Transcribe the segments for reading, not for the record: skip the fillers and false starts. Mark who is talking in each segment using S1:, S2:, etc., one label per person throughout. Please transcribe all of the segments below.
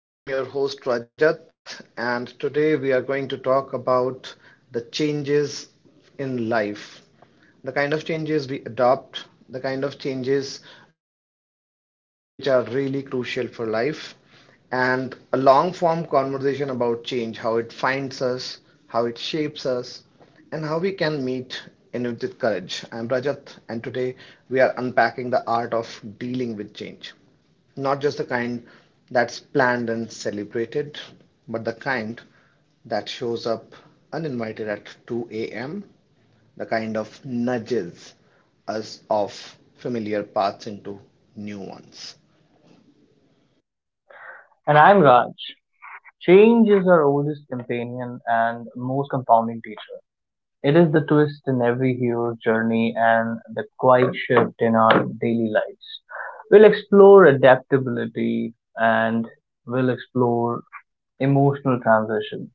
S1: Welcome to Turning Tides. I'm your host Rajat, and today we are going to talk about the changes in life, the kind of changes we adopt, the kind of changes which are really crucial for life, and a long form conversation about change, how it finds us, how it shapes us, and how we can meet in it with courage. I'm Rajat, and today we are unpacking the art of dealing with change. Not just the kind that's planned and celebrated, but the kind that shows up uninvited at 2 a.m., the kind of nudges us off familiar paths into new ones.
S2: And I'm Raj. Change is our oldest companion and most compounding teacher. It is the twist in every hero's journey and the quiet shift in our daily lives. We'll explore adaptability and we'll explore emotional transitions.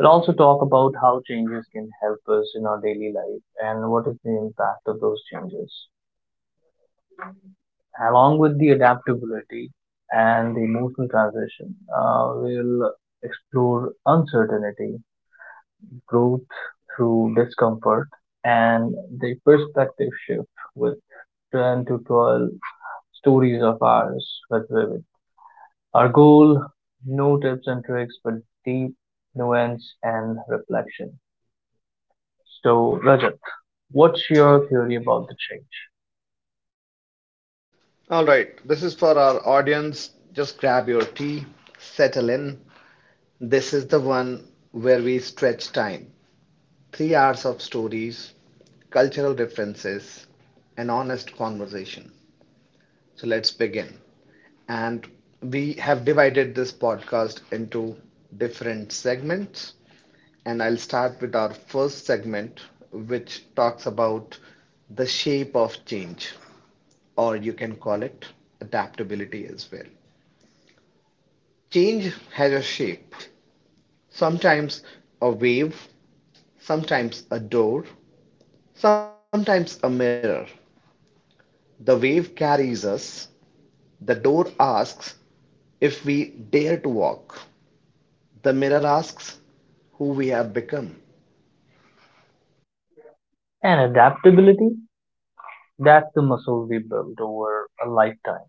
S2: We'll also talk about how changes can help us in our daily life and what is the impact of those changes. Along with the adaptability and the emotional transition, we'll explore uncertainty, growth through discomfort, and the perspective shift with 10 to 12 stories of ours with Vivid. Our goal, no tips and tricks, but deep nuance and reflection. So, Rajat, what's your theory about the change?
S1: All right, this is for our audience. Just grab your tea, settle in. This is the one where we stretch time. Three hours of stories, cultural references, and honest conversation. So let's begin. And we have divided this podcast into different segments. And I'll start with our first segment, which talks about the shape of change, or you can call it adaptability as well. Change has a shape, sometimes a wave, sometimes a door, sometimes a mirror. The wave carries us, the door asks if we dare to walk. The mirror asks who we have become.
S2: And adaptability? That's the muscle we build over a lifetime.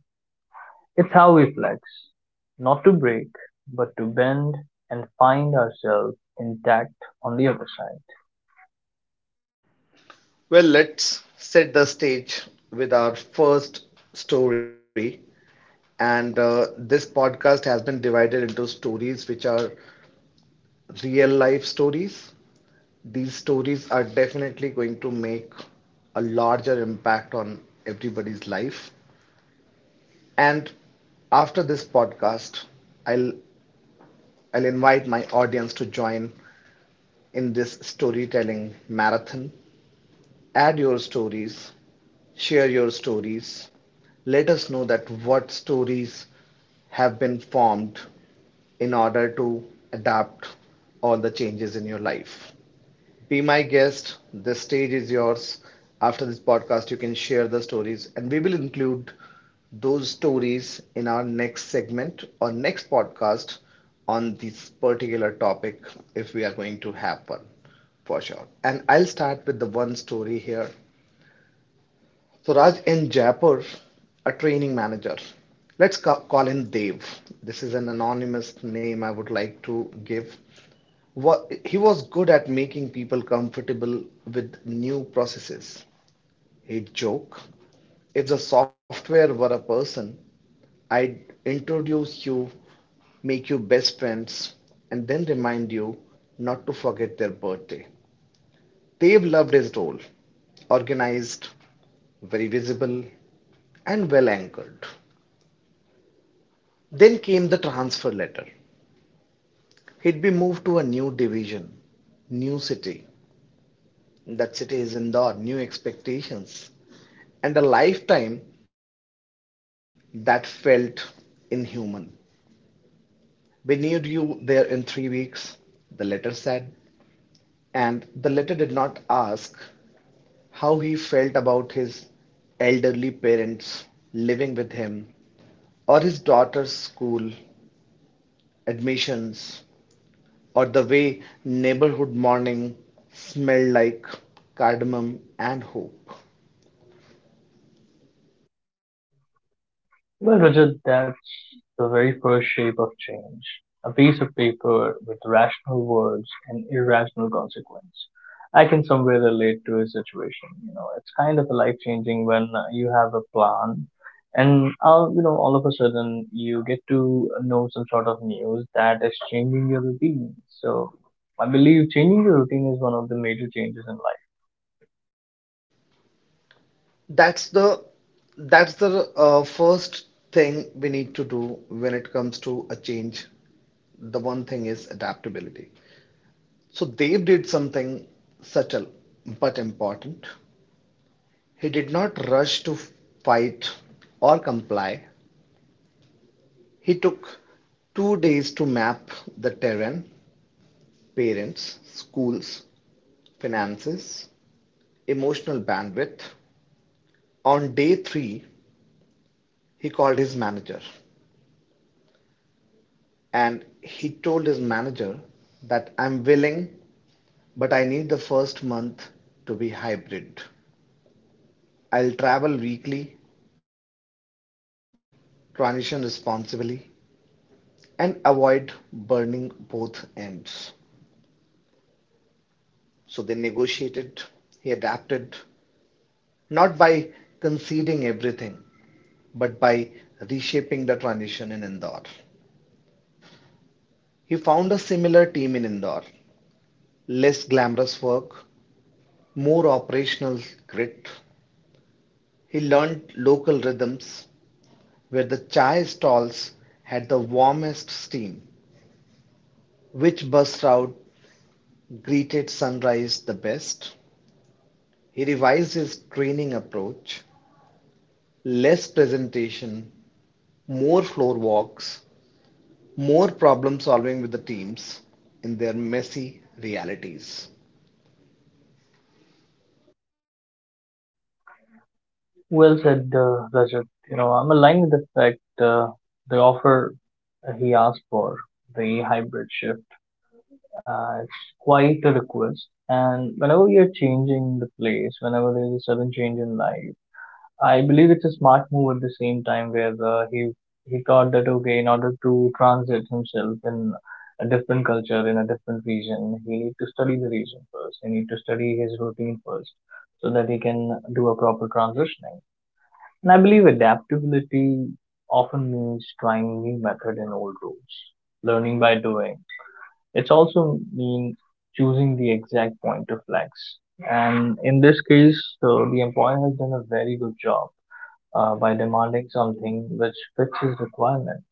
S2: It's how we flex, not to break, but to bend and find ourselves intact on the other side.
S1: Well, let's set the stage with our first story. And this podcast has been divided into stories which are real life stories. These stories are definitely going to make a larger impact on everybody's life. And after this podcast, I'll I'll invite my audience to join in this storytelling marathon. Add your stories, share your stories. Let us know that what stories have been formed in order to adapt all the changes in your life. Be my guest. The stage is yours. After this podcast, you can share the stories, and we will include those stories in our next segment or next podcast on this particular topic if we are going to have one for sure. And I'll start with the one story here. So Raj N. Japur, a training manager. Let's call him Dev. This is an anonymous name I would like to give. He was good at making people comfortable with new processes. He'd joke, if the software were a person, I'd introduce you, make you best friends, and then remind you not to forget their birthday. Dev loved his role, organized, very visible, and well anchored. Then came the transfer letter. He'd be moved to a new division, new city. That city is Indore, new expectations, and a lifetime that felt inhuman. We need you there in three weeks, the letter said. And the letter did not ask how he felt about his elderly parents living with him or his daughter's school admissions or the way neighborhood morning smelled like cardamom and hope.
S2: Well, Rajat, that's the very first shape of change. A piece of paper with rational words and irrational consequence. I can somewhere relate to a situation. You know, it's kind of life changing when you have a plan, and all you know, all of a sudden you get to know some sort of news that is changing your routine. So, I believe changing your routine is one of the major changes in life.
S1: That's the that's the first thing we need to do when it comes to a change. The one thing is adaptability. So Dave did something subtle but important. He did not rush to fight or comply. He took two days to map the terrain, parents, schools, finances, emotional bandwidth. On day three, he called his manager and he told his manager that I'm willing, but I need the first month to be hybrid. I'll travel weekly, transition responsibly, and avoid burning both ends. So they negotiated, he adapted, not by conceding everything, but by reshaping the transition in Indore. He found a similar team in Indore, less glamorous work, more operational grit. He learned local rhythms where the chai stalls had the warmest steam, which bus route greeted sunrise the best. He revised his training approach, less presentation, more floor walks, more problem solving with the teams in their messy realities.
S2: Well said, Rajat. You know, I'm aligned with the fact the offer he asked for, the hybrid shift, it's quite a request. And whenever you're changing the place, whenever there's a sudden change in life, I believe it's a smart move at the same time where he thought that okay, in order to transit himself in a different culture, in a different region, he need to study the region first. He need to study his routine first, so that he can do a proper transitioning. And I believe adaptability often means trying new method in old rules, learning by doing. It's also mean choosing the exact point to flex. And in this case, the employer has done a very good job by demanding something which fits his requirement.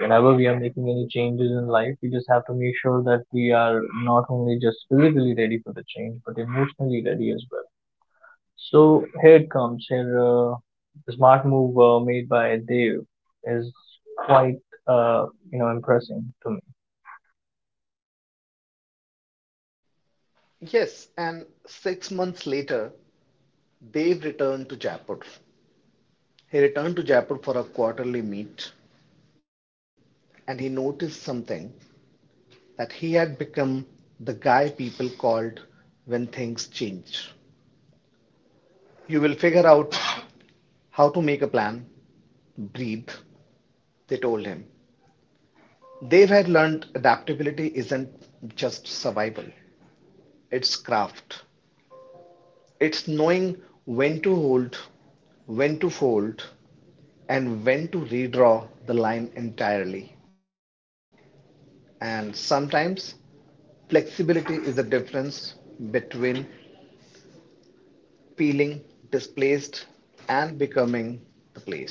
S2: Whenever we are making any changes in life, we just have to make sure that we are not only just physically ready for the change, but emotionally ready as well. So here it comes. Here, the smart move made by Dev is quite, uh, you know, impressing to me.
S3: Yes, and 6 months later, Dev returned to Jaipur. He returned to Jaipur for a quarterly meet and he noticed something that he had become the guy people called when things change. You will figure out how to make a plan, breathe, they told him. Dev had learned adaptability isn't just survival, it's craft. It's knowing when to hold, when to fold, and when to redraw the line entirely. And sometimes flexibility is the difference between peeling displaced and becoming the place.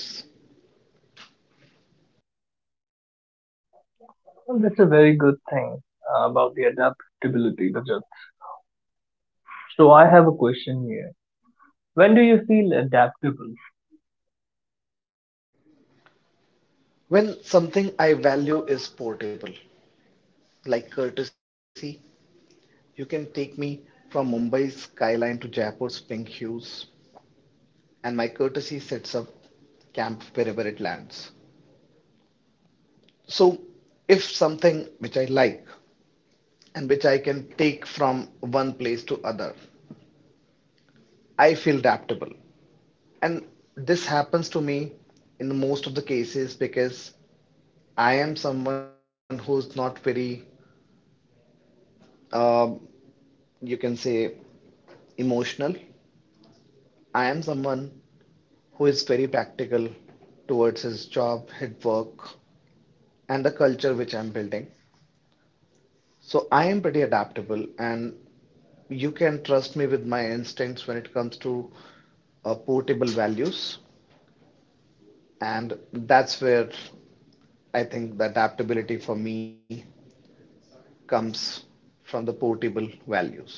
S2: And that's a very good thing about the adaptability, Rajat. So I have a question here. When do you feel adaptable?
S3: When something I value is portable, like courtesy, you can take me from Mumbai's skyline to Jaipur's pink hues, and my courtesy sets up camp wherever it lands. So, if something which I like and which I can take from one place to other, I feel adaptable. And this happens to me in the most of the cases because I am someone who's not very, um, you can say, emotional. I am someone who is very practical towards his job, his work, and the culture which I'm building. So I am pretty adaptable, and you can trust me with my instincts when it comes to portable values. And that's where I think the adaptability for me comes from the portable values.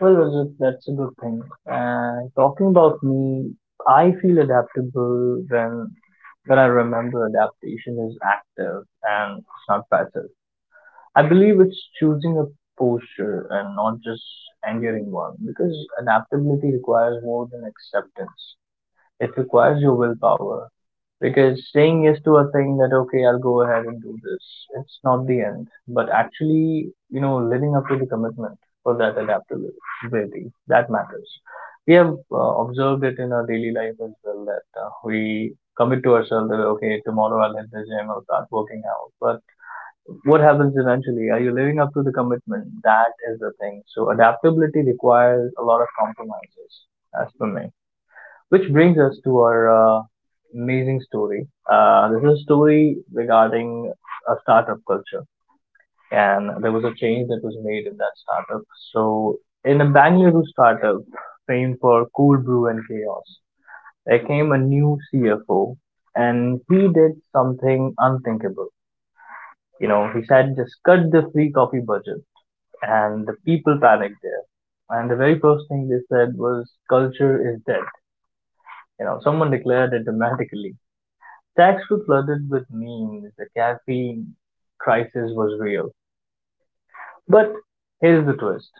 S2: Well, Rajat, that's a good thing. And talking about me, I feel adaptable when I remember adaptation is active and it's not passive. I believe it's choosing a posture and not just enduring one, because adaptability requires more than acceptance. It requires your willpower, because saying yes to a thing that okay, I'll go ahead and do this, it's not the end, but actually, you know, living up to the commitment for that adaptability that matters. We have observed it in our daily life as well that we commit to ourselves that okay, tomorrow I'll hit the gym, I'll start working out, but what happens eventually? Are you living up to the commitment? That is the thing. So adaptability requires a lot of compromises, as per me. Which brings us to our uh, amazing story. This is a story regarding a startup culture, and there was a change that was made in that startup. So in a Bangalore startup famed for cool brew and chaos, there came a new CFO, and he did something unthinkable. You know, he said just cut the free coffee budget, and the people panicked there. And the very first thing they said was, culture is dead. You know, someone declared it dramatically. Stacks were flooded with memes. The caffeine crisis was real. But here's the twist.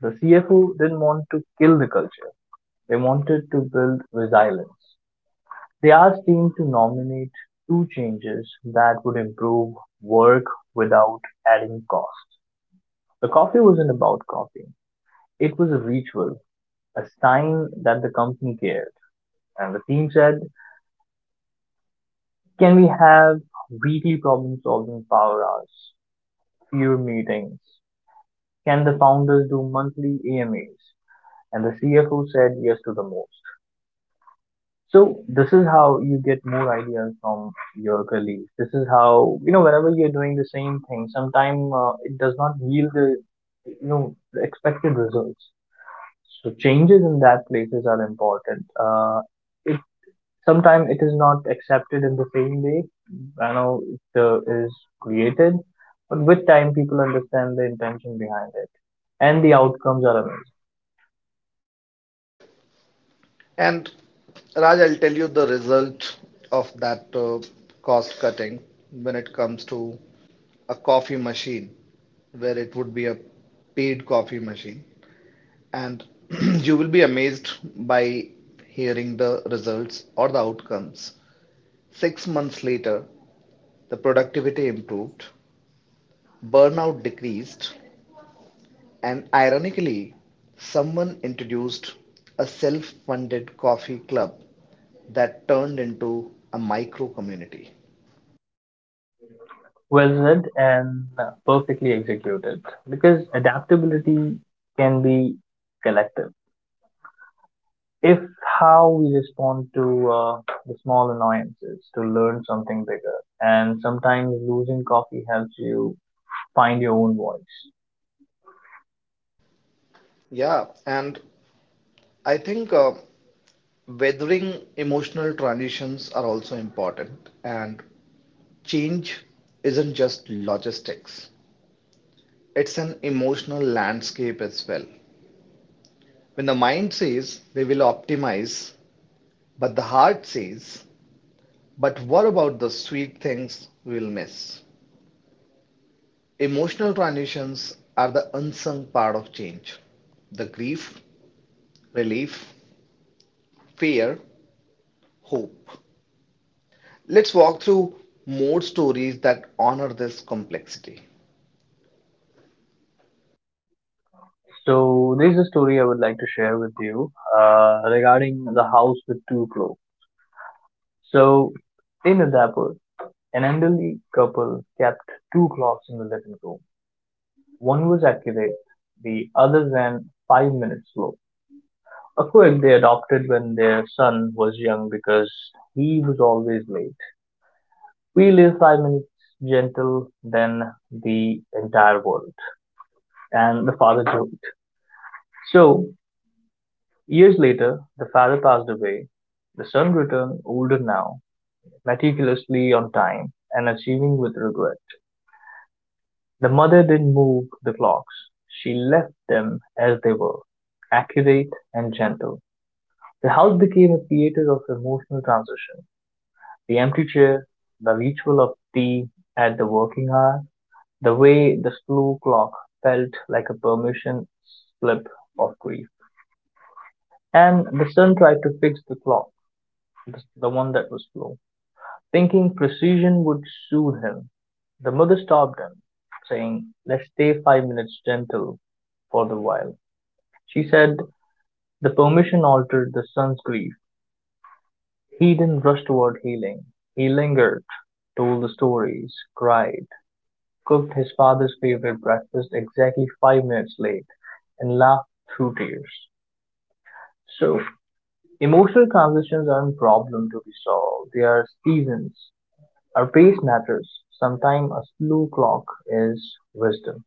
S2: The CFO didn't want to kill the culture. They wanted to build resilience. They asked team to nominate two changes that would improve work without adding cost. The coffee wasn't about coffee. It was a ritual, a sign that the company cared. And the team said, can we have weekly problem solving power hours, fewer meetings? Can the founders do monthly AMAs? And the CFO said yes to the most. So this is how you get more ideas from your colleagues. This is how you know whenever you're doing the same thing, sometimes it does not yield the the expected results. So changes in that places are important. Sometimes it is not accepted in the same way. I know it is created, but with time, people understand the intention behind it, and the outcomes are amazing.
S3: And Raj, I'll tell you the result of that cost cutting when it comes to a coffee machine, where it would be a paid coffee machine. And you will be amazed by hearing the results or the outcomes. 6 months later, the productivity improved, burnout decreased, and ironically, someone introduced a self funded coffee club that turned into a micro community.
S2: Well said, and perfectly executed. Because adaptability can be collective. If how we respond to the small annoyances to learn something bigger, and sometimes losing coffee helps you find your own voice.
S3: Yeah, and I think weathering emotional transitions are also important. And change isn't just logistics, it's an emotional landscape as well. When the mind says we will optimize, but the heart says, but what about the sweet things we'll miss? Emotional transitions are the unsung part of change. The grief, relief, fear, hope. Let's walk through more stories that honor this complexity.
S2: So there's a story I would like to share with you regarding the house with two clocks. So in Udaipur, an elderly couple kept two clocks in the living room. One was accurate, the other ran 5 minutes slow. A quirk they adopted when their son was young because he was always late. We live 5 minutes gentle than the entire world. And the father joked. So years later, the father passed away. The son returned, older now, meticulously on time, and achieving with regret. The mother didn't move the clocks. She left them as they were, accurate and gentle. The house became a theater of emotional transition. The empty chair, the ritual of tea at the working hour, the way the slow clock felt like a permission slip of grief. And the son tried to fix the clock, the one that was slow. Thinking precision would soothe him, the mother stopped him, saying, "Let's stay 5 minutes gentle for the while." She said the permission altered the son's grief. He didn't rush toward healing. He lingered, told the stories, cried, cooked his father's favorite breakfast exactly 5 minutes late, and laughed through tears. So, emotional transitions aren't problems to be solved, they are seasons. Our pace matters. Sometimes a slow clock is wisdom.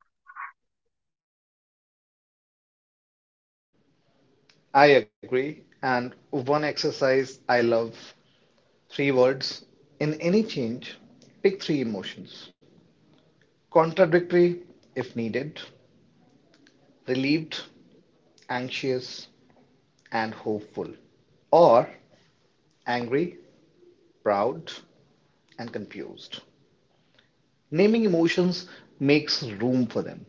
S3: I agree. And one exercise I love, three words. In any change, pick three emotions, contradictory if needed: relieved, anxious, and hopeful, or angry, proud, and confused. Naming emotions makes room for them.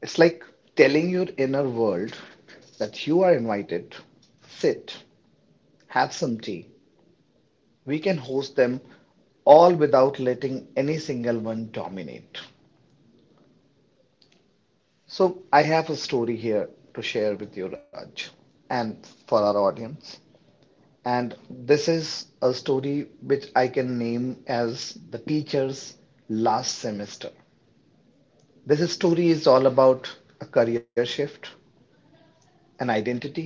S3: It's like telling your inner world that you are invited. Sit, have some tea. We can host them all without letting any single one dominate. So, I have a story here to share with you, Raj, and for our audience. And this is a story which I can name as "The Teacher's Last Semester." This story is all about a career shift, an identity,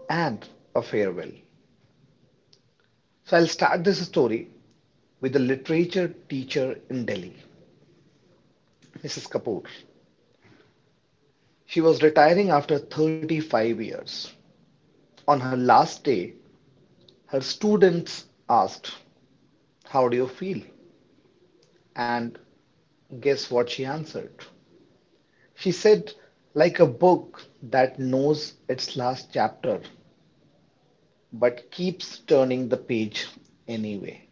S3: and a farewell. So I'll start this story with a literature teacher in Delhi, Mrs. Kapoor. She was retiring after 35 years. On her last day, her students asked, "How do you feel?" And guess what she answered? She said, "Like a book that knows its last chapter but keeps turning the page anyway."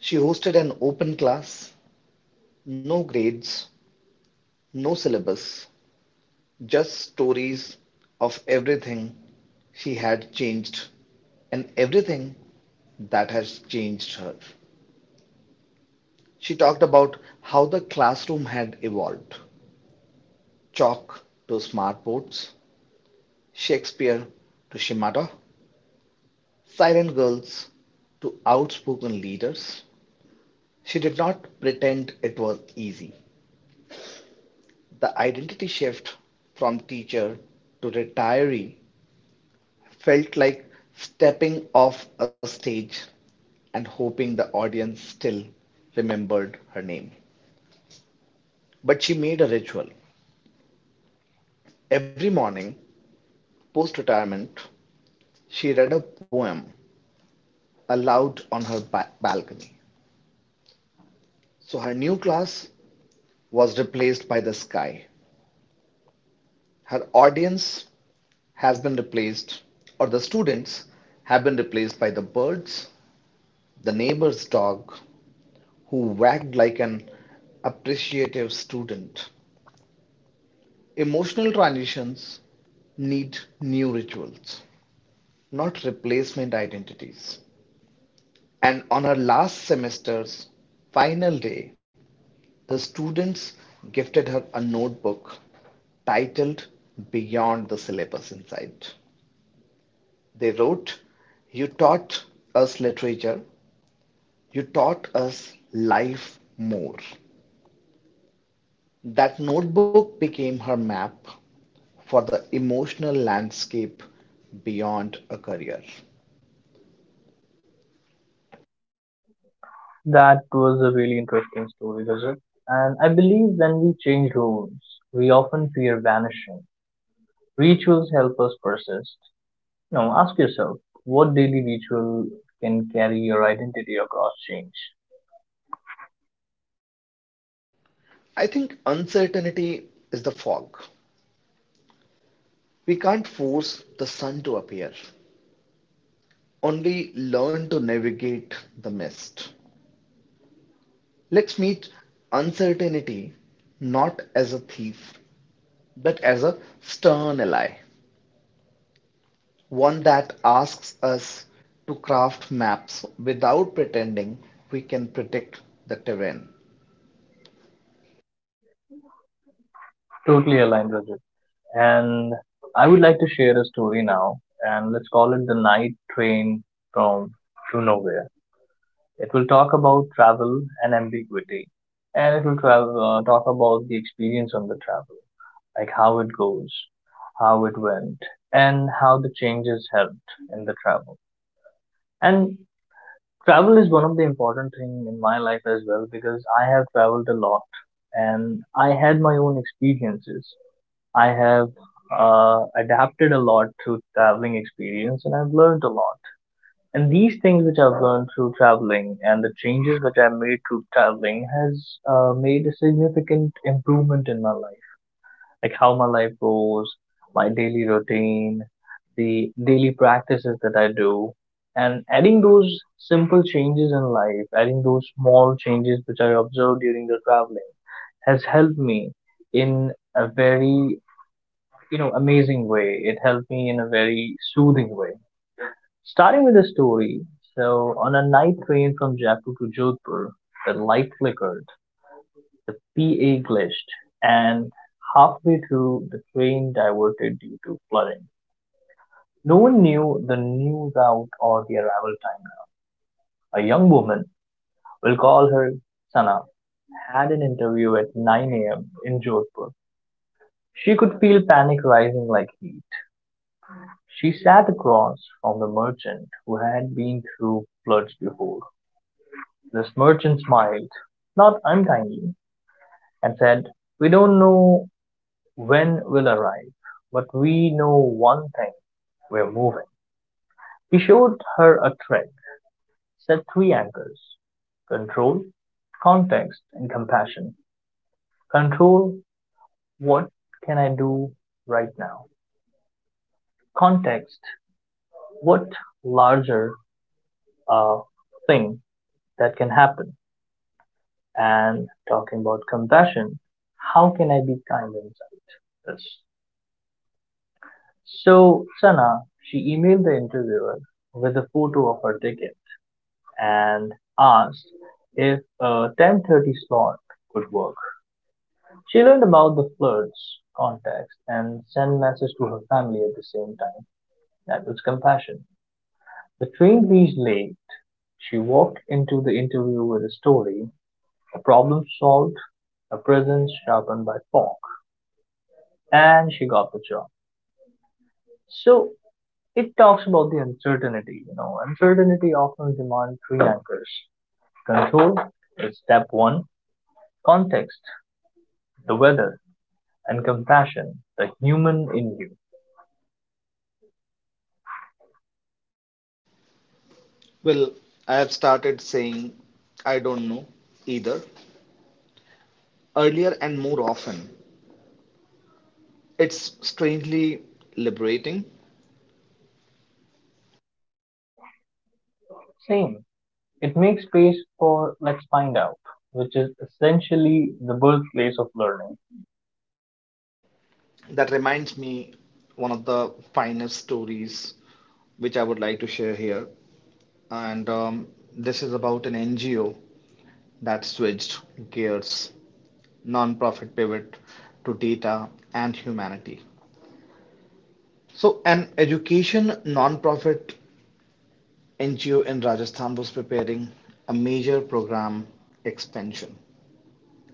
S3: She hosted an open class, no grades, no syllabus, just stories of everything she had changed and everything that has changed her. She talked about how the classroom had evolved, chalk to smartboards, Shakespeare to schemata, silent girls to outspoken leaders. She did not pretend it was easy. The identity shift from teacher to retiree felt like stepping off a stage and hoping the audience still remembered her name. But she made a ritual. Every morning, post retirement, she read a poem aloud on her balcony. So her new class was replaced by the sky. Her audience has been replaced, or the students have been replaced by the birds, the neighbor's dog, who wagged like an appreciative student. Emotional transitions need new rituals, not replacement identities. And on her last semester's final day, the students gifted her a notebook titled "Beyond the Syllabus." Inside, they wrote, "You taught us literature, you taught us life more." That notebook became her map for the emotional landscape beyond a career.
S2: That was a really interesting story, Rajat. And I believe when we change roles, we often fear vanishing. Rituals help us persist. Now, ask yourself, what daily ritual can carry your identity across change?
S3: I think uncertainty is the fog. We can't force the sun to appear, only learn to navigate the mist. Let's meet uncertainty not as a thief, but as a stern ally, one that asks us to craft maps without pretending we can predict the terrain.
S2: Totally aligned, Rajat. And I would like to share a story now, and let's call it the night train from to nowhere. It will talk about travel and ambiguity, and it will travel, talk about the experience on the travel, like how it goes, how it went, and how the changes helped in the travel. And travel is one of the important thing in my life as well, because I have traveled a lot, and I had my own experiences. I have adapted a lot through traveling experience, and I've learned a lot. And these things which I've learned through traveling and the changes which I've made through traveling has made a significant improvement in my life. Like how my life goes, my daily routine, the daily practices that I do. And adding those simple changes in life, adding those small changes which I observed during the traveling has helped me in a very, you know, amazing way. It helped me in a very soothing way. Starting with the story, so on a night train from Jaipur to Jodhpur, the light flickered, the PA glitched, and halfway through, the train diverted due to flooding. No one knew the new route or the arrival time. A young woman, we'll call her Sana, had an interview at 9 a.m. in Jodhpur. She could feel panic rising like heat. She sat across from the merchant who had been through floods before. This merchant smiled, not unkindly, and said, "We don't know when we'll arrive, but we know one thing, we're moving." He showed her a thread, set three anchors: control, context, and compassion. Control: what can I do right now? Context: what larger uh, thing that can happen? And talking about compassion, how can I be kind inside this? So Sana, she emailed the interviewer with a photo of her ticket and asked if a 10:30 slot could work. She learned about the flirt's contacts and sent message to her family at the same time. That was compassion. The train reached late. She walked into the interview with a story, a problem solved, a presence sharpened by fog, and she got the job. So it talks about the uncertainty. You know, uncertainty often demands three anchors: control is step one, context, the weather, and compassion, the human in you.
S3: Well, I have started saying I don't know, either earlier and more often. It's strangely liberating.
S2: Same. It makes space for let's find out, which is essentially the birthplace of learning.
S3: That reminds me one of the finest stories which I would like to share here. And this is about an NGO that switched gears, non-profit pivot to data and humanity. So, an education non-profit NGO in Rajasthan was preparing a major program expansion.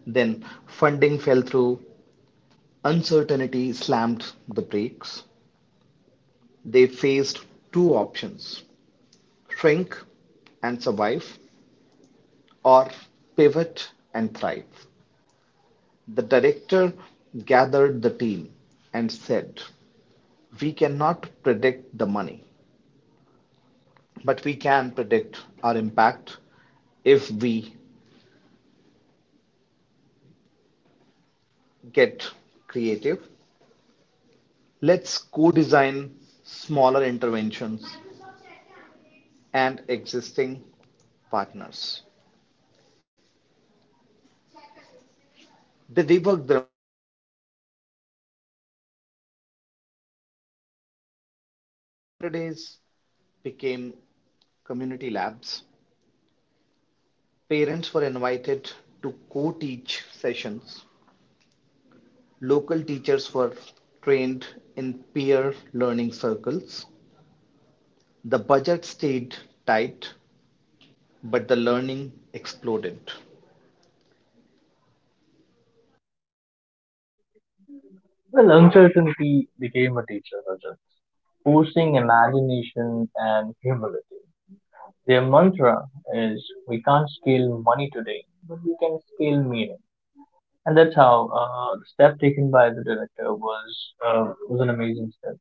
S3: Then funding fell through. Uncertainty slammed the brakes. They faced two options: shrink and survive, or pivot and thrive. The director gathered the team and said, "We cannot predict the money, but we can predict our impact if we get creative. Let's co design smaller interventions and existing partners." They reworked the
S4: Saturdays became community labs. Parents were invited to co-teach sessions. Local teachers were trained in peer learning circles. The budget stayed tight, but the learning exploded.
S2: Well, uncertainty became a teacher, Rajat, forcing imagination and humility. Their mantra is we can't scale money today, but we can scale meaning. And that's how the step taken by the director was an amazing step.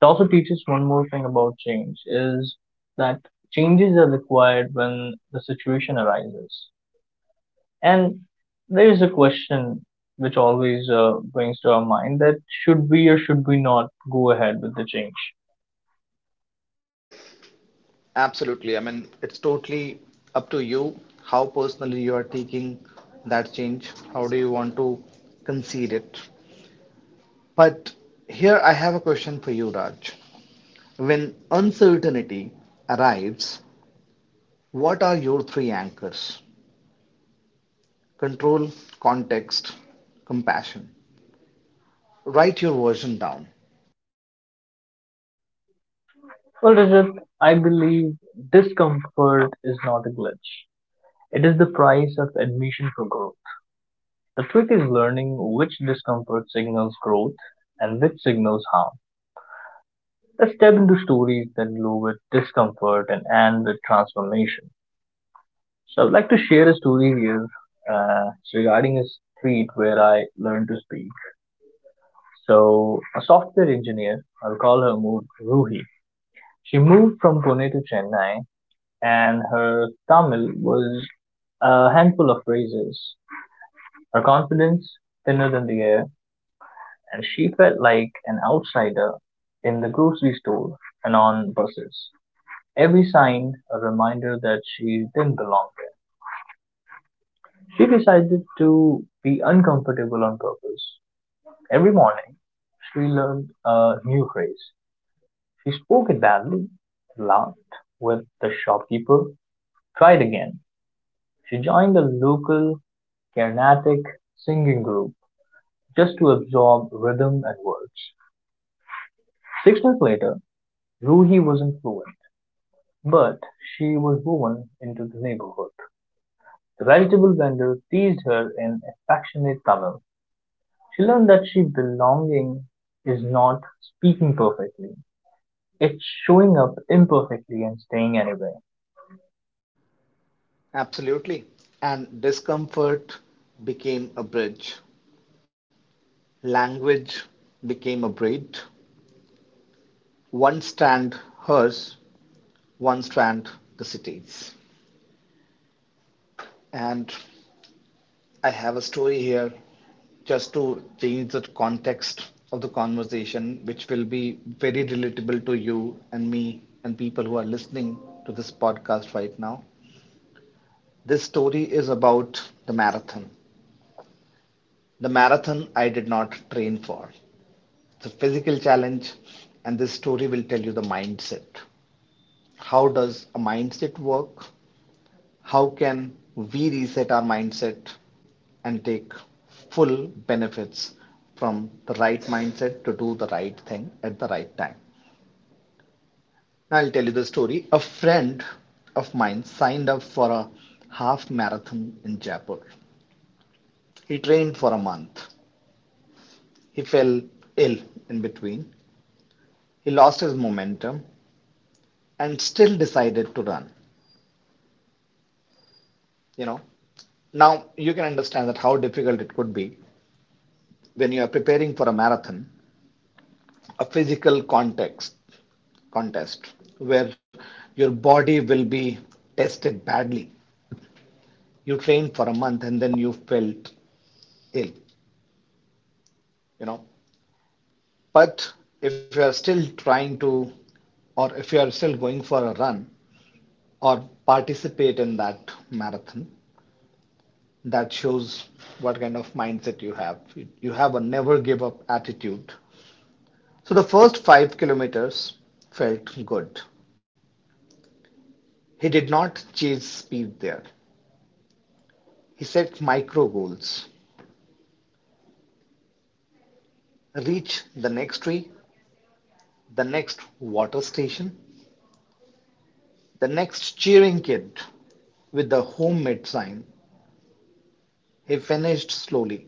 S2: It also teaches one more thing about change is that changes are required when the situation arises. And there is a question which always brings to our mind that should we or should we not go ahead with the change?
S4: Absolutely. I mean, it's totally up to you how personally you are taking that change. How do you want to concede it? But here I have a question for you, Raj. When uncertainty arrives, what are your three anchors? Control, context, compassion. Write your version down.
S2: Well, Rajat, I believe discomfort is not a glitch. It is the price of admission for growth. The trick is learning which discomfort signals growth and which signals harm. Let's step into stories that glow with discomfort and end with transformation. So, I'd like to share a story here. It's regarding a street where I learned to speak. So, a software engineer, I'll call her Mood Ruhi. She moved from Pune to Chennai, and her Tamil was a handful of phrases. Her confidence, thinner than the air, and she felt like an outsider in the grocery store and on buses. Every sign a reminder that she didn't belong there. She decided to be uncomfortable on purpose. Every morning, she learned a new phrase. She spoke it badly, laughed with the shopkeeper, tried again. She joined a local Carnatic singing group just to absorb rhythm and words. 6 months later, Ruhi wasn't fluent, but she was woven into the neighborhood. The vegetable vendor teased her in affectionate Tamil. She learned that she belonging is not speaking perfectly. It's showing up imperfectly and staying anyway.
S4: Absolutely. And discomfort became a bridge. Language became a braid. One strand hers, one strand the city's. And I have a story here just to change the context of the conversation, which will be very relatable to you and me and people who are listening to this podcast right now. This story is about the marathon. The marathon I did not train for. It's a physical challenge, and this story will tell you the mindset. How does a mindset work? How can we reset our mindset and take full benefits from the right mindset to do the right thing at the right time. Now I'll tell you the story. A friend of mine signed up for a half marathon in Jaipur. He trained for a month. He fell ill in between. He lost his momentum and still decided to run. You know, now you can understand that how difficult it could be when you are preparing for a marathon, a physical context contest where your body will be tested badly. You trained for a month and then you felt ill, you know. But if you are still trying to, or if you are still going for a run or participate in that marathon, that shows what kind of mindset you have. You have a never give up attitude. So the first 5 kilometers felt good. He did not chase speed there. He sets micro goals: reach the next tree, the next water station, the next cheering kid with the homemade sign. He finished slowly,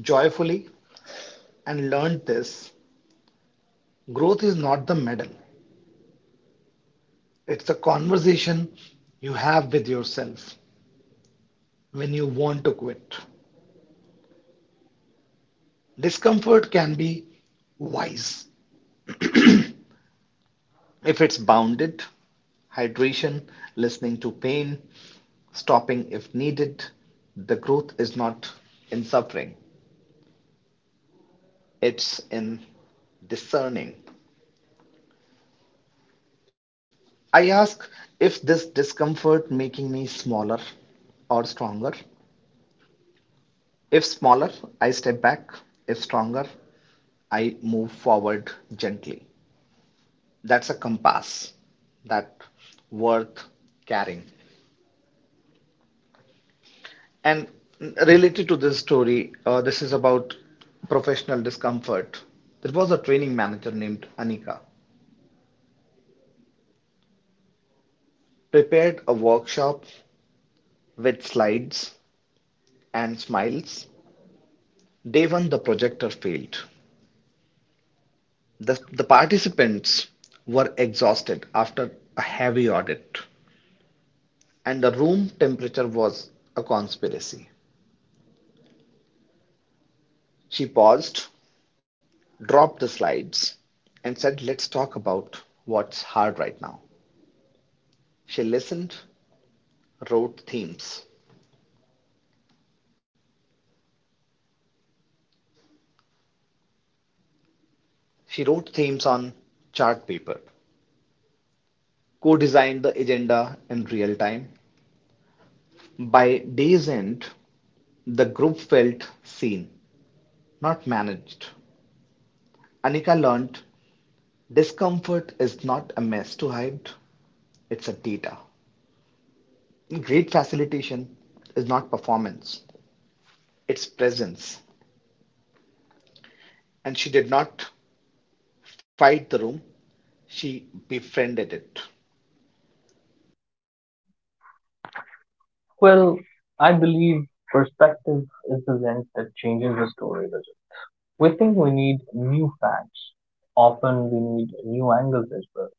S4: joyfully, and learned this. Growth is not the medal. It's a conversation you have with yourself when you want to quit. Discomfort can be wise. If it's bounded, hydration, listening to pain, stopping if needed, the growth is not in suffering, it's in discerning. I ask, if this discomfort making me smaller or stronger. If smaller, I step back. If stronger, I move forward gently. That's a compass that worth carrying. And related to this story, this is about professional discomfort. There was a training manager named Anika, prepared a workshop with slides and smiles. Day one, the projector failed. The participants were exhausted after a heavy audit, and the room temperature was a conspiracy. She paused, dropped the slides, and said, "Let's talk about what's hard right now." She listened wrote themes. She wrote themes on chart paper, co-designed the agenda in real time. By day's end, the group felt seen, not managed. Anika learned discomfort is not a mess to hide, it's a data. Great facilitation is not performance, it's presence. And she did not fight the room, she befriended it.
S2: Well, I believe perspective is the lens that changes the story. Does We think we need new facts. Often we need new angles as well.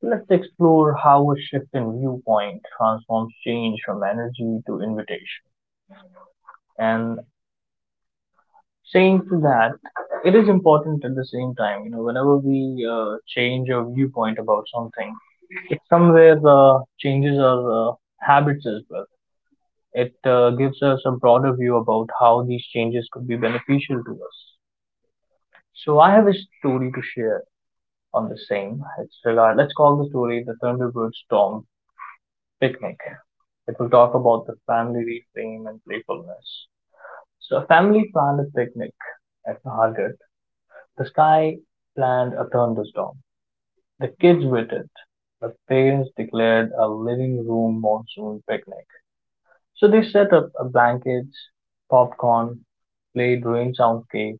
S2: Let's explore how a shift in viewpoint transforms change from energy to invitation. And saying to that, it is important at the same time, you know, whenever we change our viewpoint about something, it somewhere changes our habits as well. It gives us a broader view about how these changes could be beneficial to us. So I have a story to share on the same. It's regard. Let's call the story the Thunderbird Storm Picnic. It will talk about the family reframe and playfulness. So a family planned a picnic at Hargate. The sky planned a thunderstorm. The kids waited. The parents declared a living room monsoon picnic. So they set up blankets, popcorn, played rain soundscapes,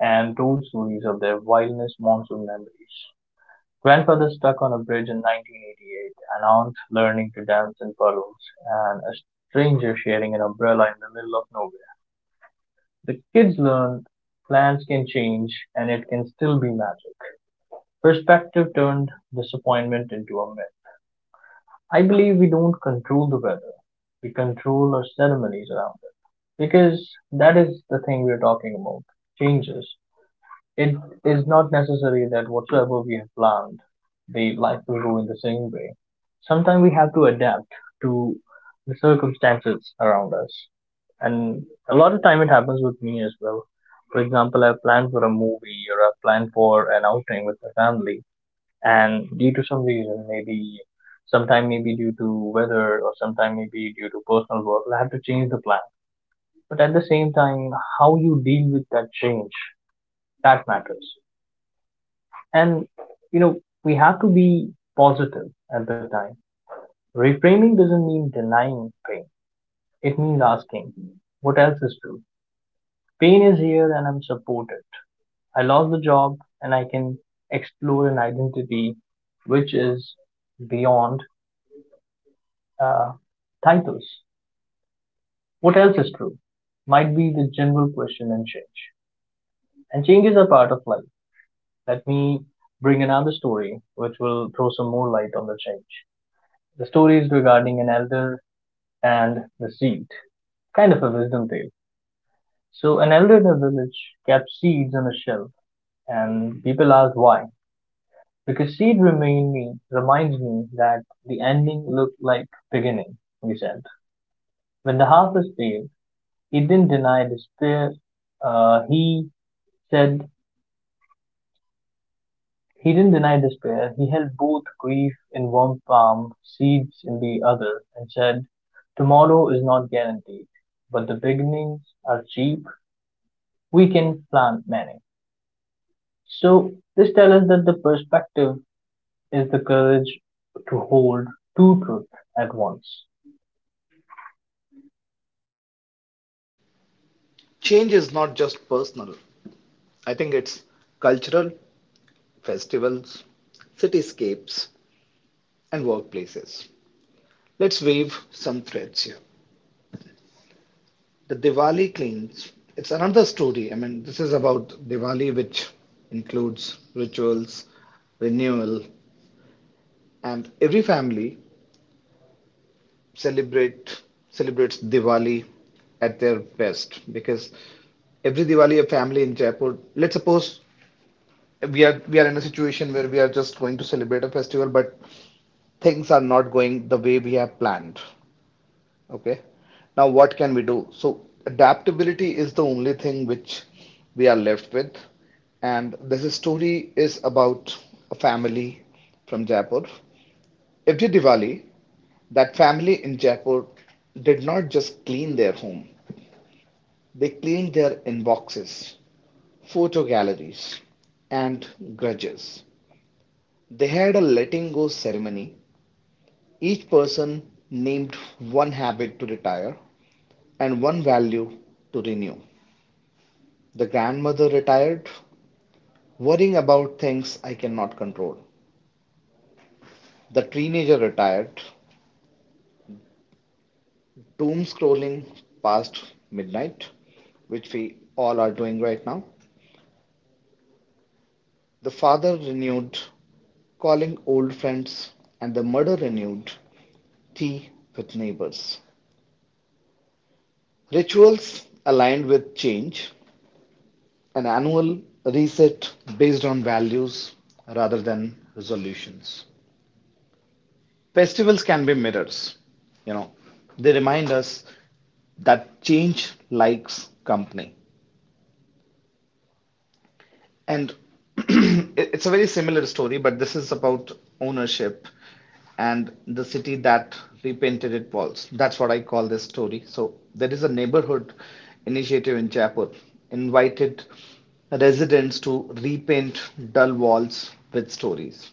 S2: and told stories of their wildest monsoon memories. Grandfather stuck on a bridge in 1988, an aunt learning to dance in furloughs, and a stranger sharing an umbrella in the middle of nowhere. The kids learned plans can change and it can still be magic. Perspective turned disappointment into a myth. I believe we don't control the weather, we control our ceremonies around it. Because that is the thing we are talking about changes. It is not necessary that whatsoever we have planned, the life will go in the same way. Sometimes we have to adapt to the circumstances around us. And a lot of time it happens with me as well. For example, I've planned for a movie or I've planned for an outing with my family, and due to some reason, maybe sometime maybe due to weather or sometime maybe due to personal work, I have to change the plan, but at the same time, how you deal with that change, that matters. And you know, we have to be positive. At the time, reframing doesn't mean denying pain, it means asking what else is true. Pain is here and I'm supported. I lost the job, and I can explore an identity which is beyond uh, titles. What else is true might be the general question and change, and change is a part of life. Let me bring another story which will throw some more light on the change. The story is regarding an elder and the seed, kind of a wisdom tale. So, an elder in a village kept seeds on a shelf, and people asked why. Because seed reminds me that the ending looked like beginning, he said. When the harvest failed, he didn't deny despair. Uh, he said He didn't deny despair. He held both grief in one palm, seeds in the other, and said, "Tomorrow is not guaranteed, but the beginnings are cheap. We can plant many." So this tells us that the perspective is the courage to hold two truths at once.
S4: Change is not just personal, I think it's cultural, festivals, cityscapes, and workplaces. Let's wave some threads here. The Diwali cleanse, it's another story. I mean, this is about Diwali, which includes rituals, renewal, and every family celebrate celebrates Diwali at their best, because every Diwali a family in Jaipur. Let's suppose we are in a situation where we are just going to celebrate a festival, but things are not going the way we have planned. Okay. Now, what can we do? So, adaptability is the only thing which we are left with. And this story is about a family from Jaipur. Every Diwali, that family in Jaipur did not just clean their home, they cleaned their inboxes, photo galleries, and grudges. They had a letting go ceremony. Each person named one habit to retire and one value to renew. The grandmother retired, worrying about things I cannot control. The teenager retired, doom scrolling past midnight, which we all are doing right now. The father renewed calling old friends, and the mother renewed tea with neighbors. Rituals aligned with change, an annual reset based on values rather than resolutions. Festivals can be mirrors, you know, they remind us that change likes company. And it's a very similar story, but this is about ownership and the city that repainted its walls. That's what I call this story. So there is a neighborhood initiative in Jaipur invited residents to repaint dull walls with stories,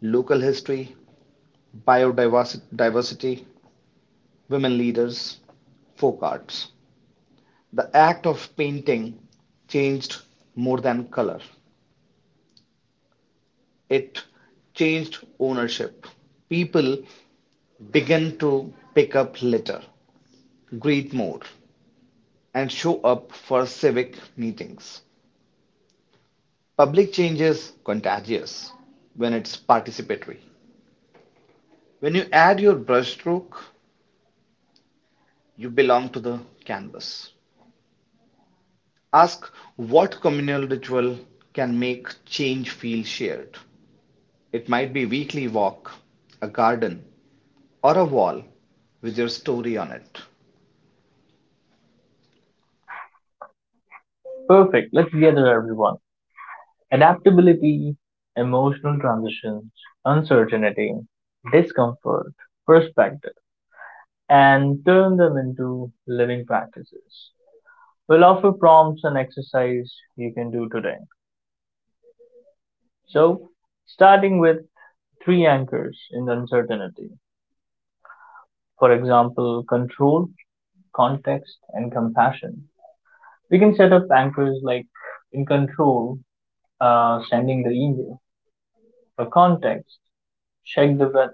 S4: local history, biodiversity, Women Leaders, Folk Arts. The act of painting changed more than color, it changed ownership. People began to pick up litter, greet more, and show up for civic meetings. Public change is contagious when it's participatory. When you add your brushstroke, you belong to the canvas. Ask what communal ritual can make change feel shared. It might be weekly walk, a garden, or a wall with your story on it.
S2: Perfect. Let's gather everyone. Adaptability, emotional transitions, uncertainty, discomfort, perspective, and turn them into living practices. We'll offer prompts and exercise you can do today. So, starting with three anchors in uncertainty, for example, control, context, and compassion. We can set up anchors like in control, sending the email, for context, check the weather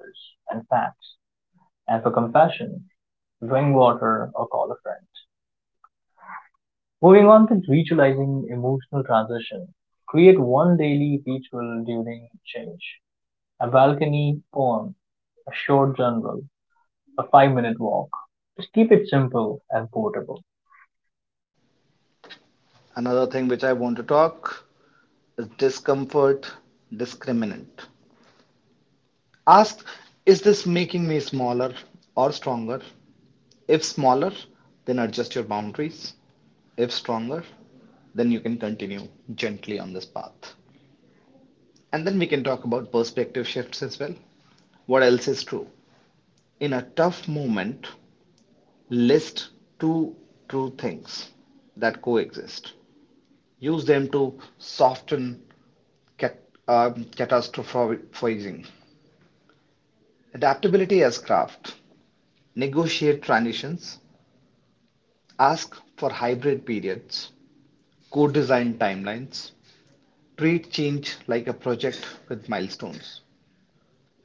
S2: and facts, and for compassion, drink water or call a friend. Moving on to ritualizing emotional transition, create one daily ritual during change. A balcony poem, a short journal, a 5 minute walk. Just keep it simple and portable.
S4: Another thing which I want to talk is discomfort discriminant. Ask, is this making me smaller or stronger? If smaller, then adjust your boundaries. If stronger, then you can continue gently on this path. And then we can talk about perspective shifts as well. What else is true? In a tough moment, list two true things that coexist. Use them to soften cat, catastrophizing. Adaptability as craft. Negotiate transitions. Ask for hybrid periods. Co-design timelines. Treat change like a project with milestones.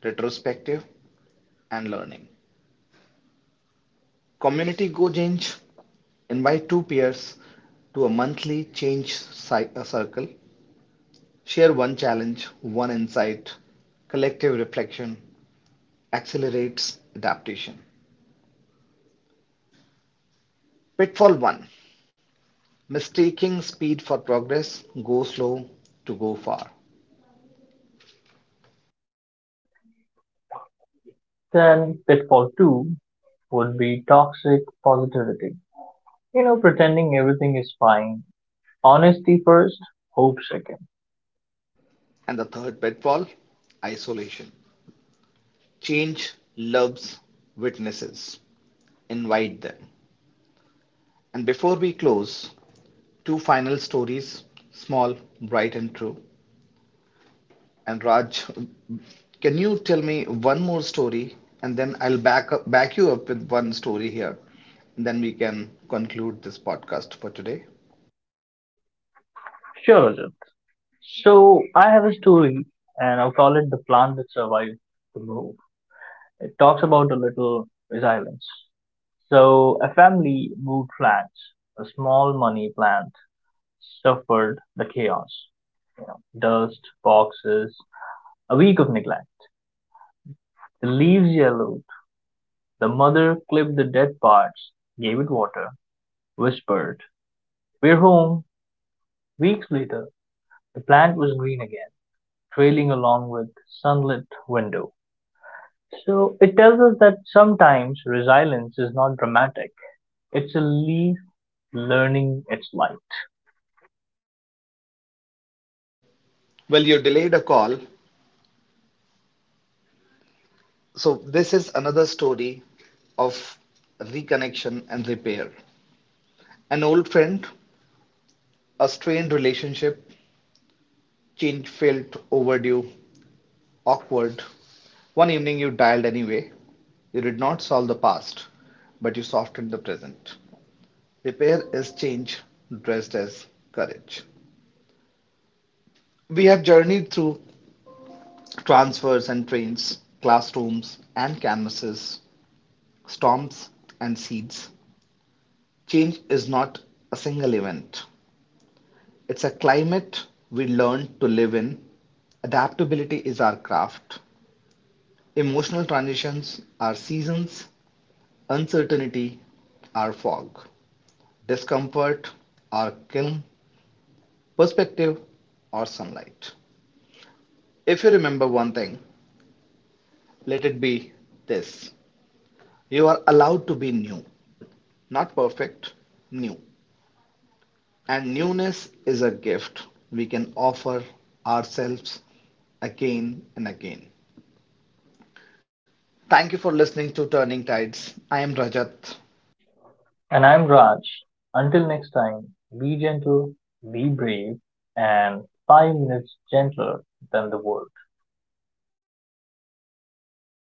S4: Retrospective and learning. Community Go Change. Invite two peers to a monthly change circle. Share one challenge, one insight. Collective reflection accelerates adaptation. Pitfall 1, mistaking speed for progress, go slow to go far.
S2: Then, pitfall two would be toxic positivity. You know, pretending everything is fine. Honesty first, hope second.
S4: And the third pitfall isolation. Change loves witnesses. Invite them. And before we close, two final stories, small, bright, and true. And Raj, can you tell me one more story, and then I'll back you up with one story here, and then we can conclude this podcast for today.
S2: Sure, Rajat. So, I have a story and I'll call it The Plant That Survived the Move. It talks about a little resilience. So, a family moved plants, a small money plant suffered the chaos, you know, dust, boxes, a week of neglect. The leaves yellowed. The mother clipped the dead parts, gave it water, whispered, "We're home." Weeks later, the plant was green again, trailing along with sunlit window. So it tells us that sometimes resilience is not dramatic. It's a leaf learning its light.
S4: Well, you delayed a call, so this is another story of reconnection and repair. An old friend, a strained relationship, change felt overdue, awkward. One evening you dialed anyway. You did not solve the past, but you softened the present. Repair is change dressed as courage. We have journeyed through transfers and trains, classrooms and canvases, storms and seeds. Change is not a single event, it's a climate we learn to live in. Adaptability is our craft. Emotional transitions are seasons, uncertainty are fog, discomfort are kiln, perspective or sunlight. If you remember one thing, let it be this. You are allowed to be new, not perfect, new. And newness is a gift we can offer ourselves again and again. Thank you for listening to Turning Tides. I am Rajat.
S2: And I'm Raj. Until next time, be gentle, be brave, and 5 minutes gentler than the world.